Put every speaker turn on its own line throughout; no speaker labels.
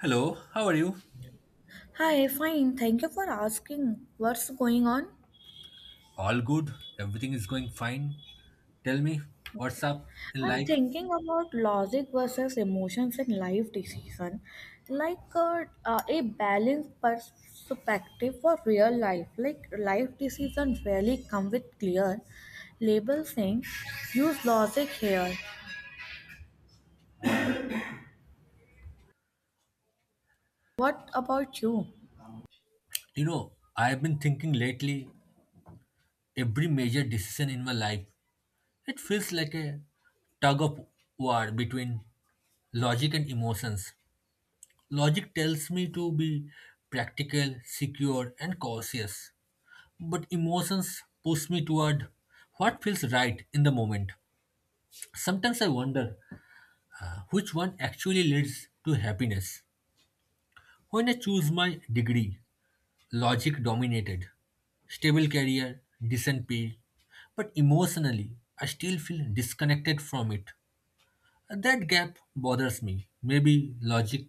Hello, how are you?
Hi, fine. Thank you for asking. What's going on?
All good. Everything is going fine. Tell me, what's up in
I'm
life?
thinking about logic versus emotions in life decision, like a balanced perspective for real life. Like life decisions rarely come with clear label saying, use logic here. What about you?
You know, I've been thinking lately, every major decision in my life, it feels like a tug of war between logic and emotions. Logic tells me to be practical, secure, and cautious, but emotions push me toward what feels right in the moment. Sometimes I wonder which one actually leads to happiness. When I choose my degree, logic dominated. Stable career, decent pay. But emotionally, I still feel disconnected from it. That gap bothers me. Maybe logic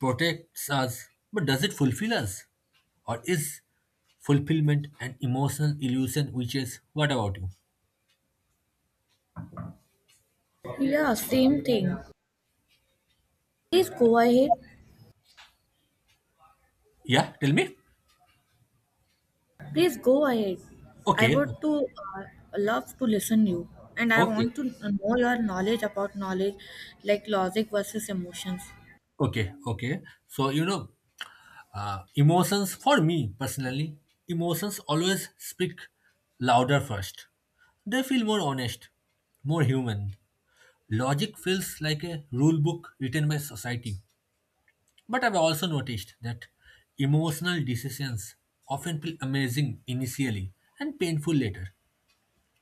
protects us, but does it fulfill us? Or is fulfillment an emotional illusion which is what about you?
Yeah, same thing. Please go ahead.
Yeah, tell me.
Please go ahead. I
Okay,
would to uh, love to listen you, and I
okay,
want to know your knowledge about knowledge, like logic versus emotions.
okay. So, you know, emotions, for me personally, emotions always speak louder first. They feel more honest, more human. Logic feels like a rule book written by society. But I've also noticed that emotional decisions often feel amazing initially and painful later.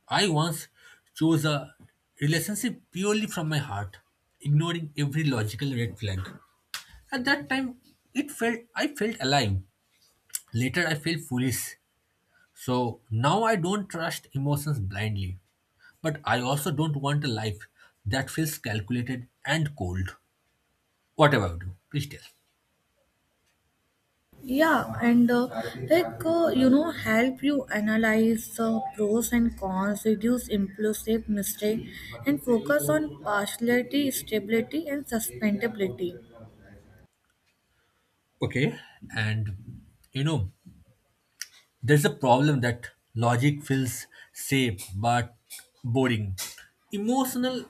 I once chose a relationship purely from my heart, ignoring every logical red flag. At that time, it felt I felt alive. Later, I feel foolish. So now I don't trust emotions blindly. But I also don't want a life that feels calculated and cold. Whatever about do, please tell.
Yeah, and like help you analyze the pros and cons, reduce impulsive mistake, and focus on partiality, stability, and sustainability.
Okay. And you know, there's a problem that logic feels safe but boring. Emotional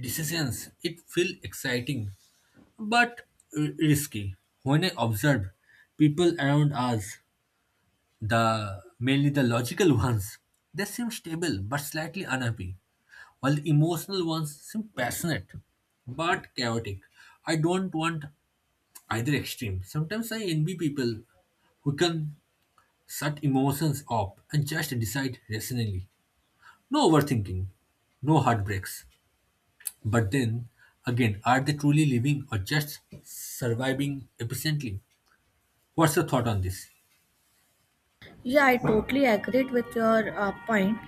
decisions, it feel exciting but risky. When I observe people around us, the mainly the logical ones, they seem stable but slightly unhappy, while the emotional ones seem passionate but chaotic. I don't want either extreme. Sometimes I envy people who can shut emotions off and just decide rationally. No overthinking, no heartbreaks. But then again, are they truly living or just surviving efficiently? What's your thought on this?
Yeah, I totally agree with your point.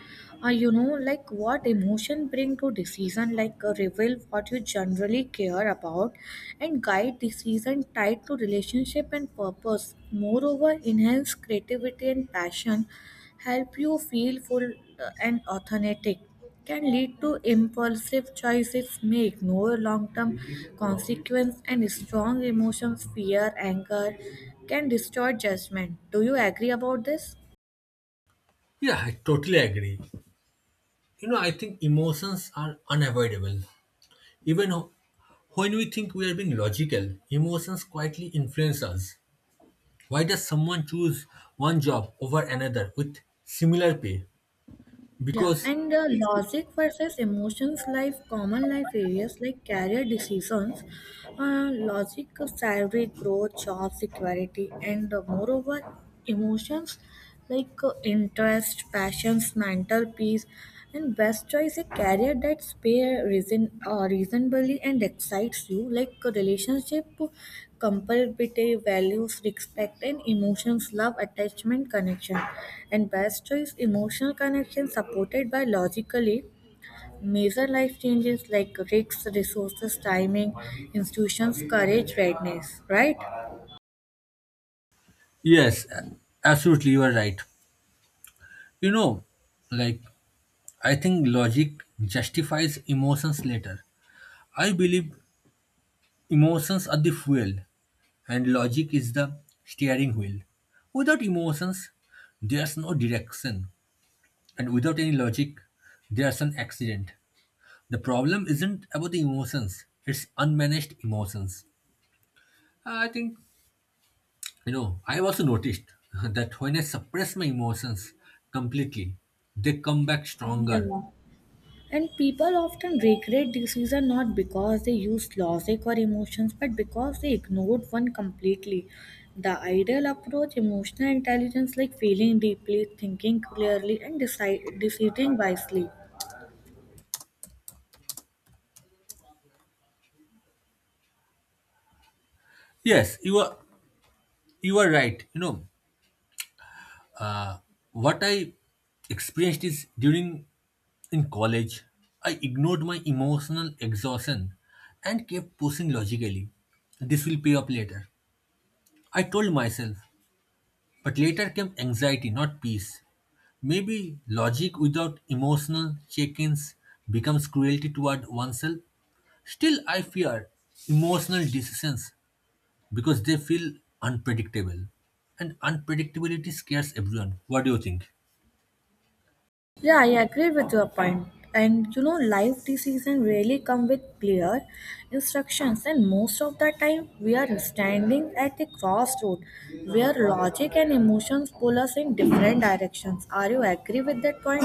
Like what emotion bring to decision, like reveal what you generally care about, and guide decision tied to relationship and purpose. Moreover, enhance creativity and passion help you feel full and authentic. Can lead to impulsive choices, may ignore long-term consequence, and strong emotions, fear, anger, can distort judgment. Do you agree about this?
Yeah, I totally agree. You know, I think emotions are unavoidable. Even when we think we are being logical, emotions quietly influence us. Why does someone choose one job over another with similar pay?
Yeah,
Because,
and logic versus emotions life common life areas like career decisions, logic, salary growth, job security, and moreover, emotions like interest, passions, mental peace. And best choice a career that pay reasonably and excites you, like a relationship, compatibility, values, respect, and emotions, love, attachment, connection. And best choice emotional connection supported by logically major life changes like risks, resources, timing, institutions, courage, readiness. Right?
yes, absolutely, you are right. You know, like, I think logic justifies emotions later. I believe emotions are the fuel and logic is the steering wheel. Without emotions, there's no direction. And without any logic, there's an accident. The problem isn't about the emotions, it's unmanaged emotions. I think, you know, I've also noticed that when I suppress my emotions completely, they come back stronger.
Yeah. And people often regret decision not because they used logic or emotions, but because they ignored one completely. The ideal approach, emotional intelligence, like feeling deeply, thinking clearly, and deciding wisely.
Yes, you are right. You know, what I experienced is during in college, I ignored my emotional exhaustion and kept pushing logically. This will pay up later, I told myself. But later came anxiety, not peace. Maybe logic without emotional check ins becomes cruelty toward oneself. Still, I fear emotional decisions because they feel unpredictable. And unpredictability scares everyone. What do you think?
Yeah, I agree with your point. And life decisions really come with clear instructions, and most of the time we are standing at a crossroad where logic and emotions pull us in different directions. Are you agree with that point?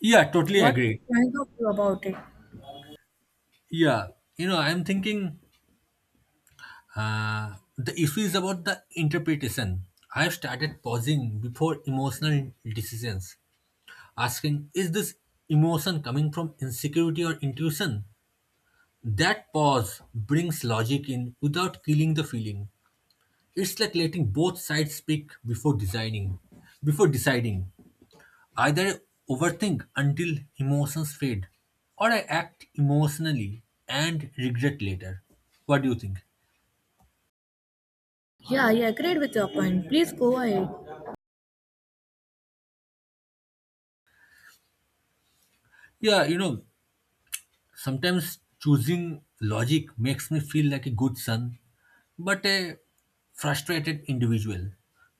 Yeah, totally
What are you
agree.
trying to do about it?
Yeah, you know, I'm thinking the issue is about the interpretation. I've started pausing before emotional decisions asking, is this emotion coming from insecurity or intuition? That pause brings logic in without killing the feeling. It's like letting both sides speak before designing, before deciding. Either I overthink until emotions fade, or I act emotionally and regret later. What do you think?
Yeah, I agreed with your point. Please go ahead.
Yeah, you know, sometimes choosing logic makes me feel like a good son but a frustrated individual.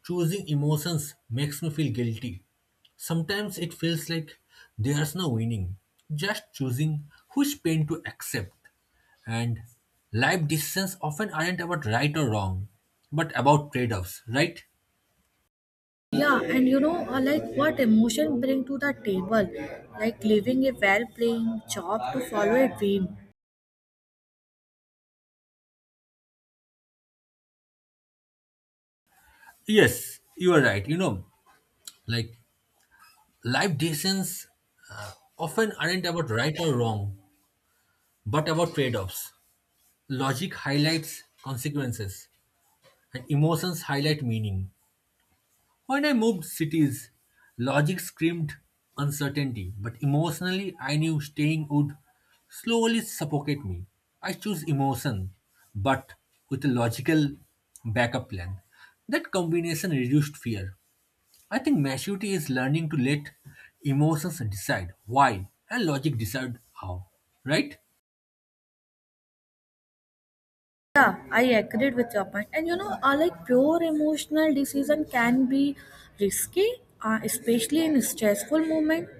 Choosing emotions makes me feel guilty. Sometimes it feels like there's no winning, just choosing which pain to accept. And life decisions often aren't about right or wrong, but about trade offs, right?
Yeah, and like what emotion bring to the table, like leaving a well-paying job to follow a dream.
Yes, you are right. You know, like life decisions often aren't about right or wrong, but about trade offs. Logic highlights consequences, and emotions highlight meaning. When I moved cities, logic screamed uncertainty, but emotionally I knew staying would slowly suffocate me. I chose emotion, but with a logical backup plan. That combination reduced fear. I think maturity is learning to let emotions decide why and logic decide how. Right?
Yeah, I agreed with your point. And like pure emotional decision can be risky, especially in stressful moment.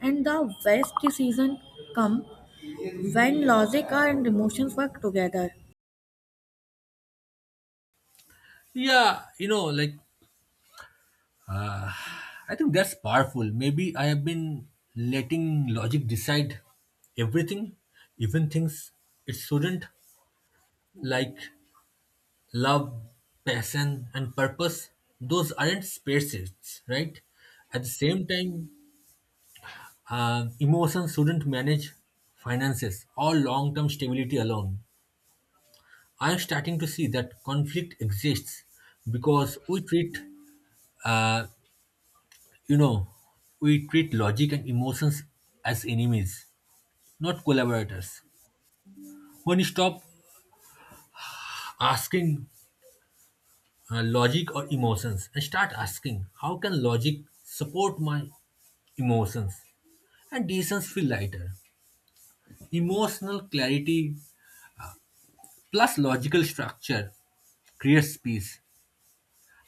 And the best decision come when logic and emotions work together.
Yeah, you know, like I think that's powerful. Maybe I have been letting logic decide everything, even things it shouldn't, like love, passion, and purpose. Those aren't spaces, right? At the same time, emotions shouldn't manage finances or long term stability alone. I'm starting to see that conflict exists because we treat, uh, you know, we treat logic and emotions as enemies not collaborators. When you stop asking logic or emotions and start asking, how can logic support my emotions? And decisions feel lighter. Emotional clarity plus logical structure creates peace.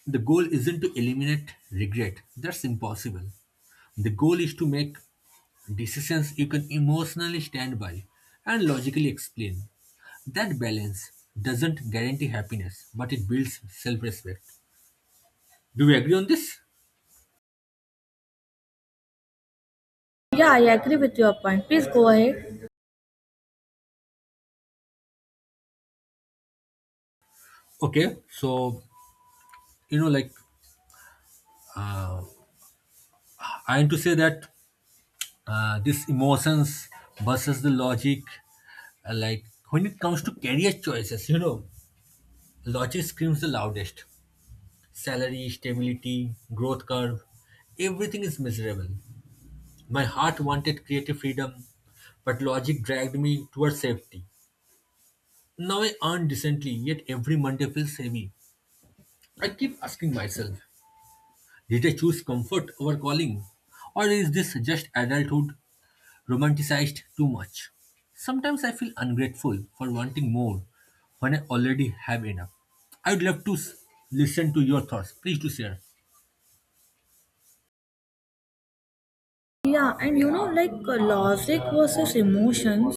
The goal isn't to eliminate regret, that's impossible. The goal is to make decisions you can emotionally stand by and logically explain. That balance doesn't guarantee happiness, but it builds self respect. Do we agree on this?
Yeah, I agree with your point. Please go ahead.
Okay, so you know, like I am to say that this emotions versus the logic, like when it comes to career choices, you know, logic screams the loudest. Salary, stability, growth curve, everything is miserable. My heart wanted creative freedom, but logic dragged me towards safety. Now I earn decently, yet every Monday feels heavy. I keep asking myself, did I choose comfort over calling? Or is this just adulthood romanticized too much? Sometimes I feel ungrateful for wanting more when I already have enough. I'd love to listen to your thoughts. Please do share.
Yeah, and like logic versus emotions.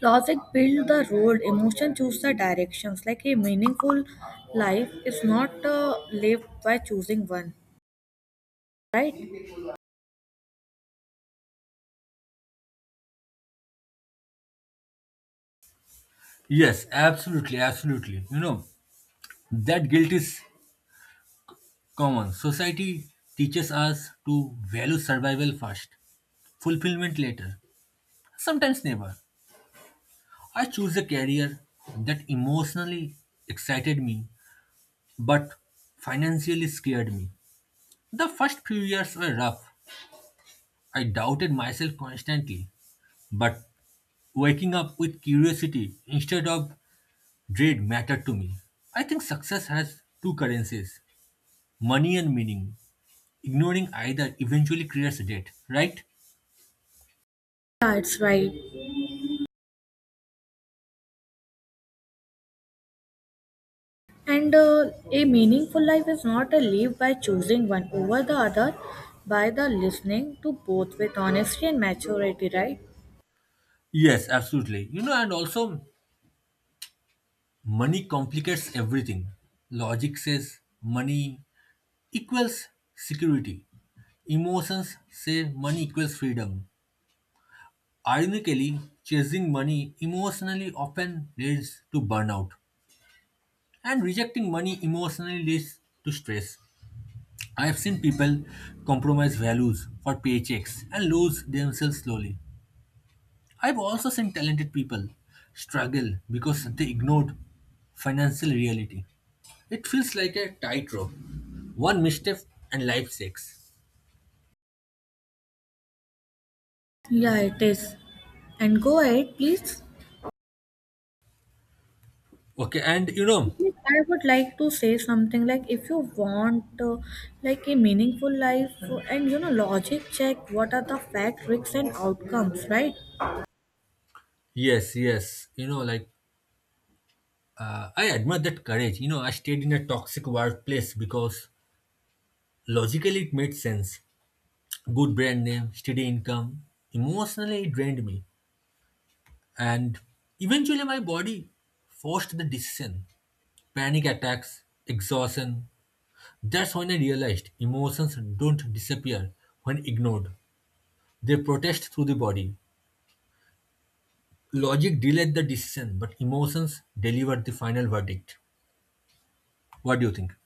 Logic build the road, emotion choose the directions. Like a meaningful life is not lived by choosing one, right?
Yes, absolutely, absolutely. You know, that guilt is common. Society teaches us to value survival first, fulfillment later, sometimes never. I choose a career that emotionally excited me but financially scared me. The first few years were rough. I doubted myself constantly, but waking up with curiosity instead of dread mattered to me. I think success has two currencies, money and meaning. Ignoring either eventually creates debt, right?
Yeah, it's right. And a meaningful life is not a lived by choosing one over the other, by the listening to both with honesty and maturity, right?
Yes, absolutely. You know, and also money complicates everything. Logic says money equals security. Emotions say money equals freedom. Ironically, chasing money emotionally often leads to burnout, and rejecting money emotionally leads to stress. I have seen people compromise values for paychecks and lose themselves slowly. I've also seen talented people struggle because they ignored financial reality. It feels like a tightrope. One misstep and life shakes.
Yeah, it is. And go ahead, please.
Okay, and you know,
Like, I would like to say something like, if you want like a meaningful life and logic check what are the fact, risks, and outcomes, right?
yes, yes, you know, like I admire that courage. You know, I stayed in a toxic workplace because logically it made sense. Good brand name, steady income. Emotionally, it drained me, and eventually my body forced the decision. Panic attacks, exhaustion. That's when I realized emotions don't disappear when ignored. They protest through the body. Logic delayed the decision, but emotions deliver the final verdict. What do you think?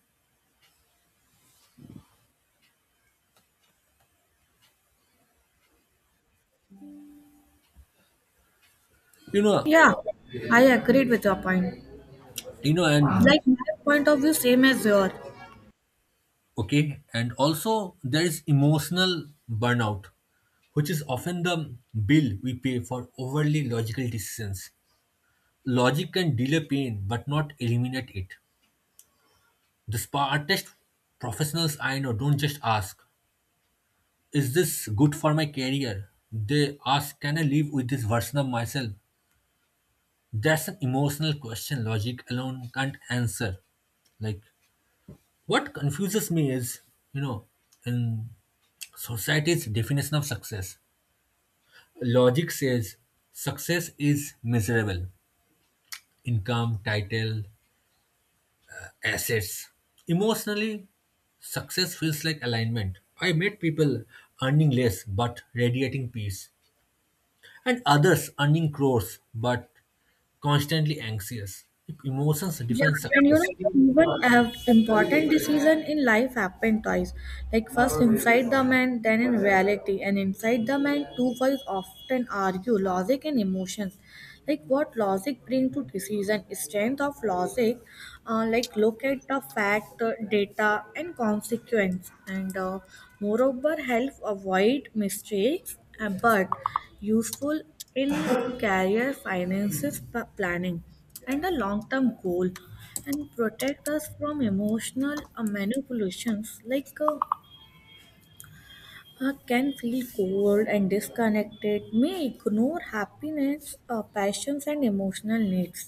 You know,
Yeah, I agreed with your point.
you know, and
Like, my point of view same as yours.
okay, and also there is emotional burnout, which is often the bill we pay for overly logical decisions. Logic can delay pain but not eliminate it. The smartest professionals I know don't just ask, is this good for my career? They ask, can I live with this version of myself? That's an emotional question logic alone can't answer. Like, what confuses me is, you know, in society's definition of success, logic says success is miserable income, title, assets. Emotionally, success feels like alignment. I met people earning less but radiating peace, and others earning crores but constantly anxious. Emotions
Yeah,
define
and
success.
even have important decision in life happen twice. Like first inside the man, then in reality. And inside the man, two wives often argue logic and emotions. Like what logic bring to decision, strength of logic, like look at the fact, data, and consequence, and moreover help avoid mistakes. But useful in career finances planning and a long-term goal and protect us from emotional manipulations like can feel cold and disconnected, may ignore happiness, passions and emotional needs,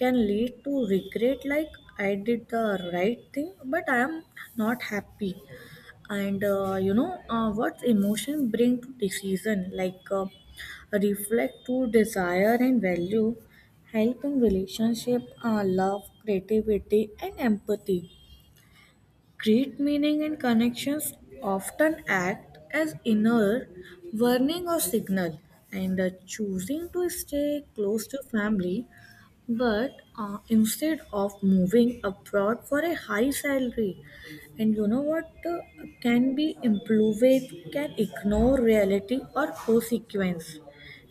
can lead to regret like I did the right thing but I am not happy. And what emotion bring to decision like reflect to desire and value, help in relationship, love creativity and empathy, create meaning and connections, often act as inner warning or signal. And choosing to stay close to family but instead of moving abroad for a high salary, and you know what, can be improved, can ignore reality or consequence.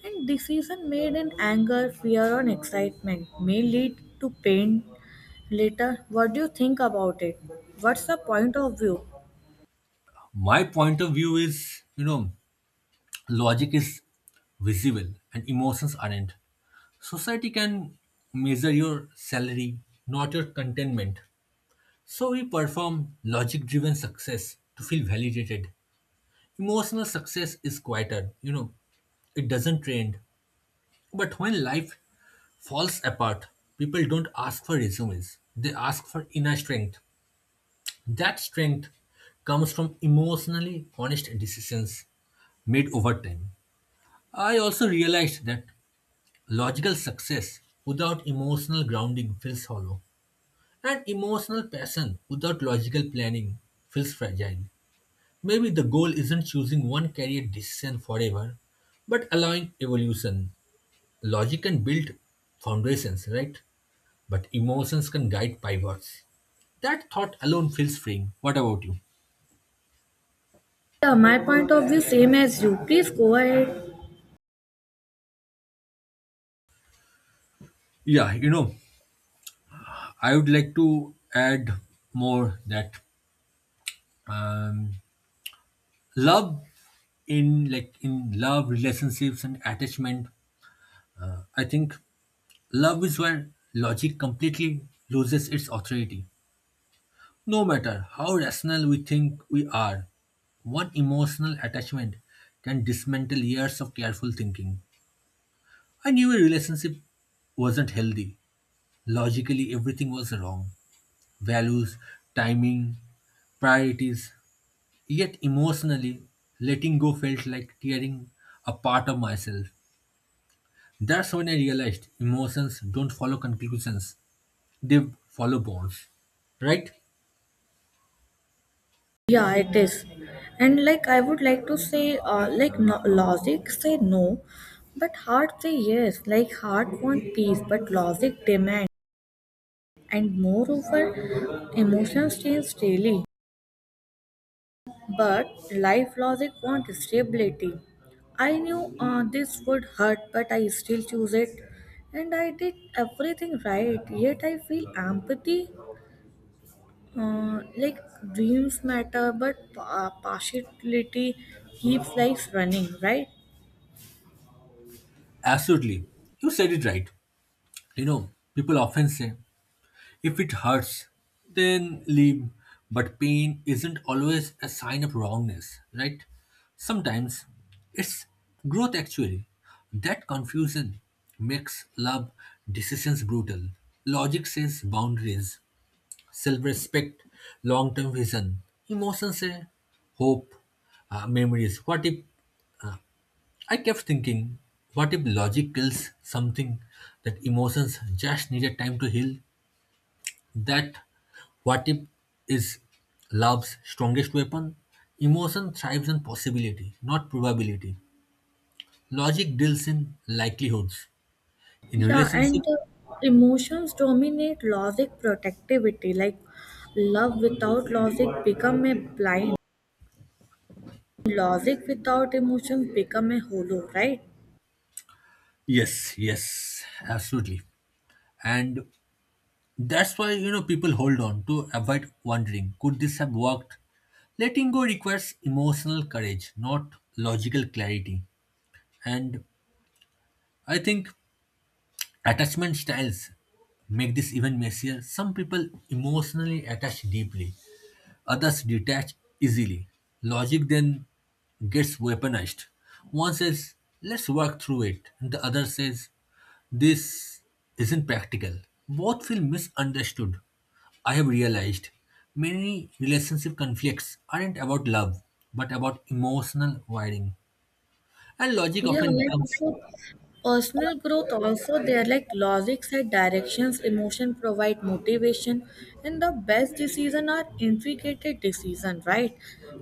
And decision made in anger, fear, or excitement may lead to pain later. What do you think about it? What's the point of view?
My point of view is you know, logic is visible and emotions aren't. Society can measure your salary, not your contentment. So we perform logic driven success to feel validated. Emotional success is quieter, you know, it doesn't trend. But when life falls apart, people don't ask for resumes, they ask for inner strength. That strength comes from emotionally honest decisions made over time. I also realized that logical success without emotional grounding feels hollow, and emotional passion without logical planning feels fragile. Maybe the goal isn't choosing one career decision forever, but allowing evolution. Logic can build foundations, right? But emotions can guide pivots. That thought alone feels freeing. What about you?
Yeah, my point of view same as you. Please go ahead.
Yeah, you know, I would like to add more that um, love in like in love relationships and attachment. I think love is where logic completely loses its authority. No matter how rational we think we are, one emotional attachment can dismantle years of careful thinking. I knew a relationship wasn't healthy. Logically, everything was wrong, values, timing, priorities. Yet, emotionally, letting go felt like tearing a part of myself. That's when I realized emotions don't follow conclusions, they follow bonds. Right?
Yeah, it is. And like I would like to say, like no, logic say no, but heart say yes. Like heart want peace, but logic demand. And moreover, emotions change daily, but life logic want stability. I knew this would hurt, but I still choose it. And I did everything right, yet I feel empathy. Like dreams matter, but partiality keeps life running, right?
Absolutely. You said it right. You know, people often say if it hurts, then leave. But pain isn't always a sign of wrongness, right? Sometimes it's growth actually. That confusion makes love decisions brutal. Logic says boundaries, self respect, long term vision. Emotions say hope, memories. What if, I kept thinking, what if logic kills something that emotions just needed time to heal? That what if is love's strongest weapon. Emotion thrives on possibility, not probability. Logic deals in likelihoods. In
Yeah, and
relationships,
emotions dominate logic protectivity. Like love without logic become a blind. Logic without emotions become a hollow, right?
yes, yes, absolutely. And that's why you know people hold on to avoid wondering, could this have worked? Letting go requires emotional courage, not logical clarity. And I think attachment styles make this even messier. Some people emotionally attach deeply, others detach easily. Logic then gets weaponized. One says, let's work through it, and the other says, this isn't practical. Both feel misunderstood. I have realized many relationship conflicts aren't about love, but about emotional wiring. And logic
Yeah,
often
like
becomes
uh, personal growth also there, like logic set directions, emotion provide motivation, and the best decision are intricate decision, right?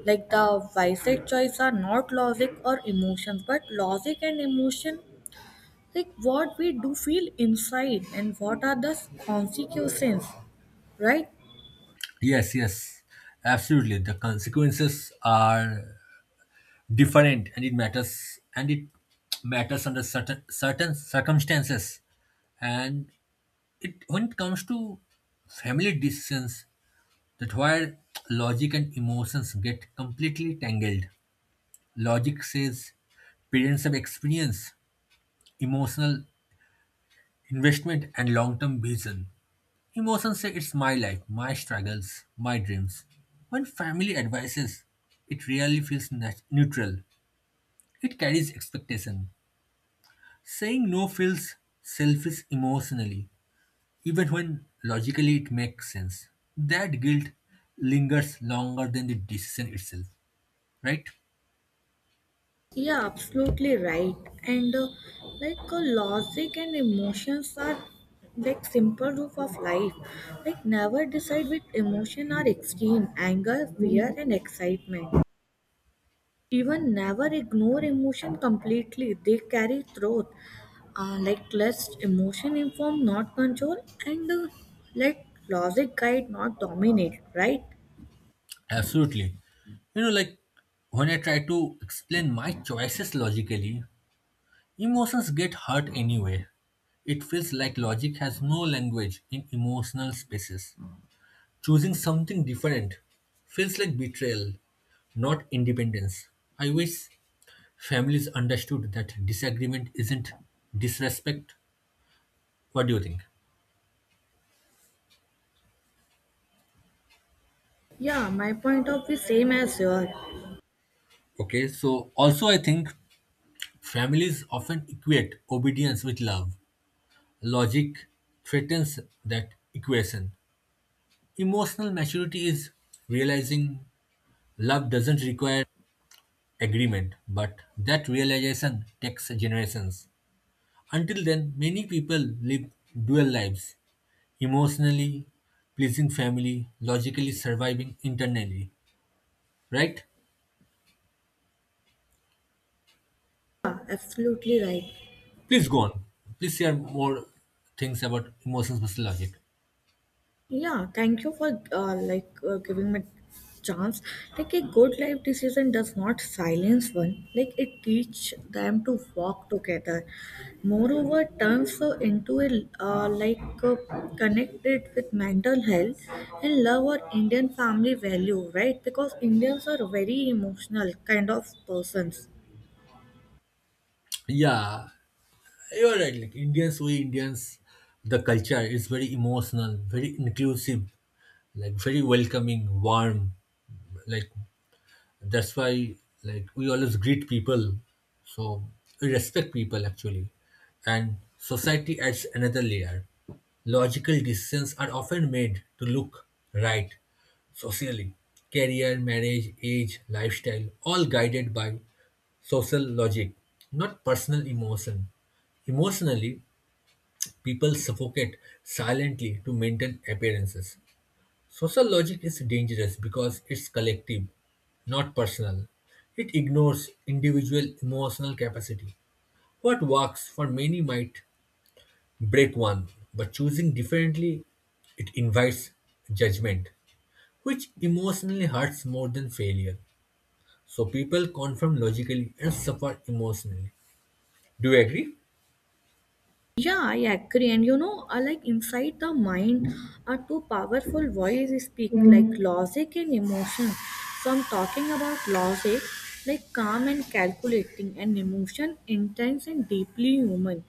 Like the wisest choice are not logic or emotions, but logic and emotion, like what we do feel inside and what are the consequences, right?
yes, yes, absolutely. The consequences are different, and it matters under certain circumstances. And it when it comes to family decisions, that where logic and emotions get completely tangled. Logic says parents have experience, emotional investment, and long-term vision. Emotions say it's my life, my struggles, my dreams. When family advises, it really feels neutral. It carries expectation. Saying no feels selfish emotionally, even when logically it makes sense. That guilt lingers longer than the decision itself, right?
Yeah, absolutely right. And like logic and emotions are like simple roof of life. Like never decide which emotion are extreme, anger, fear, and excitement. Even never ignore emotion completely. They carry truth. Like let emotion inform, not control, and let logic guide, not dominate. Right?
Absolutely. You know, like when I try to explain my choices logically, emotions get hurt anyway. It feels like logic has no language in emotional spaces. Choosing something different feels like betrayal, not independence. I wish families understood that disagreement isn't disrespect. What do you think?
Yeah, my point of view same as your.
Okay, so also I think families often equate obedience with love. Logic threatens that equation. Emotional maturity is realizing love doesn't require agreement, but that realization takes generations. Until then, many people live dual lives emotionally pleasing family, logically surviving internally, right?
Yeah, absolutely right.
Please go on. Please share more things about emotions versus logic.
Yeah, thank you for like giving me chance. Like a good life decision does not silence one. Like it teach them to walk together. Moreover, turns into a like connected with mental health and love or Indian family value, right? Because Indians are very emotional kind of persons.
Yeah, you're right. Like Indians, we Indians, the culture is very emotional, very inclusive, like very welcoming, warm, like that's why like we always greet people, so we respect people actually, and society adds another layer. Logical decisions are often made to look right socially. Career, marriage, age, lifestyle, all guided by social logic, not personal emotion. Emotionally, people suffocate silently to maintain appearances. Social logic is dangerous because it's collective, not personal. It ignores individual emotional capacity. What works for many might break one, but choosing differently, it invites judgment, which emotionally hurts more than failure. So people confirm logically and suffer emotionally. Do you agree?
Yeah, I agree. And like inside the mind are two powerful voices speak, like logic and emotion. So I'm talking about logic, like calm and calculating, and emotion, intense and deeply human.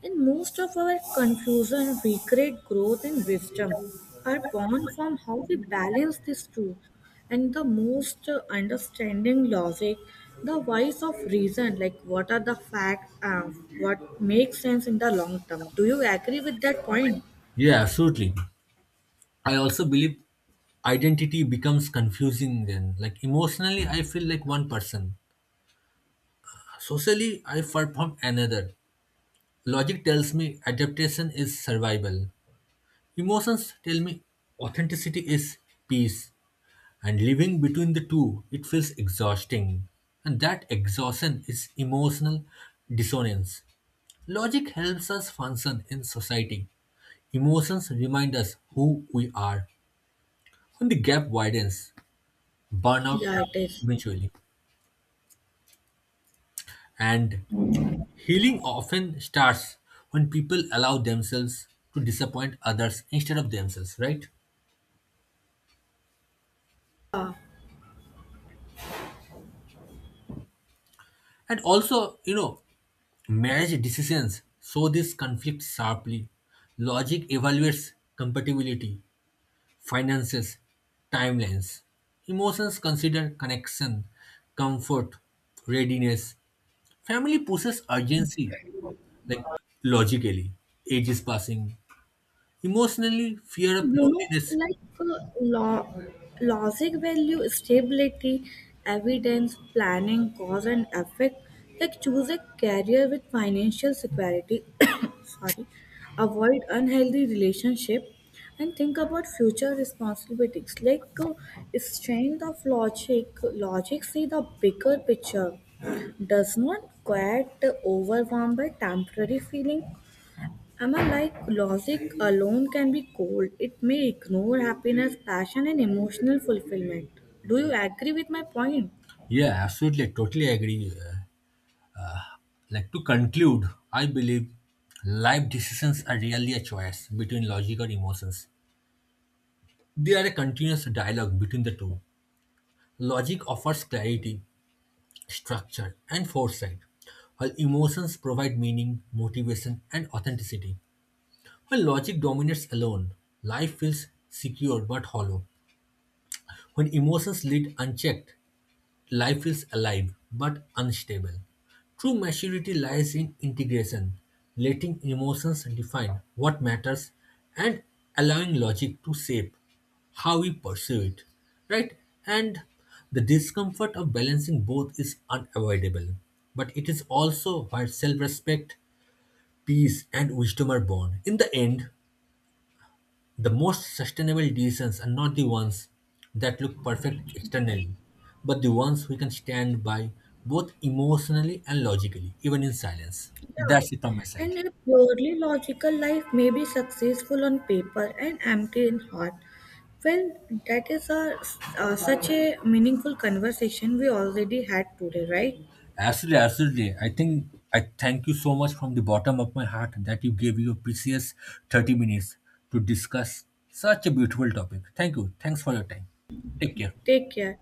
And most of our confusion, regret, growth, and wisdom are born from how we balance these two. And the most understanding logic, the voice of reason, like what are the facts, what makes sense in the long term? Do you agree with that point?
Yeah, absolutely. I also believe identity becomes confusing then. Like emotionally, I feel like one person, socially, I perform another. Logic tells me adaptation is survival. Emotions tell me authenticity is peace. And living between the two, it feels exhausting. And that exhaustion is emotional dissonance. Logic helps us function in society. Emotions remind us who we are. When the gap widens, burnout
Yeah, it
happens
is.
eventually. And healing often starts when people allow themselves to disappoint others instead of themselves, right? And also, you know, marriage decisions show this conflict sharply. Logic evaluates compatibility, finances, timelines. Emotions consider connection, comfort, readiness. Family pushes urgency, like logically. Age is passing. Emotionally, fear of loneliness.
Like lo- logic value stability, evidence, planning, cause and effect, like choose a career with financial security sorry, avoid unhealthy relationship and think about future responsibilities, like strength of logic. Logic see the bigger picture, does not get overwhelmed by temporary feeling. Am I like logic alone can be cold? It may ignore happiness, passion, and emotional fulfillment. Do you agree with my point?
Yeah, absolutely. I totally agree. Like to conclude, I believe life decisions are really a choice between logic or emotions. They are a continuous dialogue between the two. Logic offers clarity, structure, and foresight, while emotions provide meaning, motivation, and authenticity. When logic dominates alone, life feels secure but hollow. When emotions lead unchecked, life is alive but unstable. True maturity lies in integration, letting emotions define what matters and allowing logic to shape how we pursue it. Right? And the discomfort of balancing both is unavoidable, but it is also where self respect, peace, and wisdom are born. In the end, the most sustainable decisions are not the ones that look perfect externally, but the ones we can stand by both emotionally and logically, even in silence.
Yeah.
That's it on my side.
And a purely logical life may be successful on paper and empty in heart. Well, that is such a meaningful conversation we already had today, right?
Absolutely, absolutely. I think I thank you so much from the bottom of my heart that you gave your precious 30 minutes to discuss such a beautiful topic. Thank you. Thanks for your time. Take care.
Take care.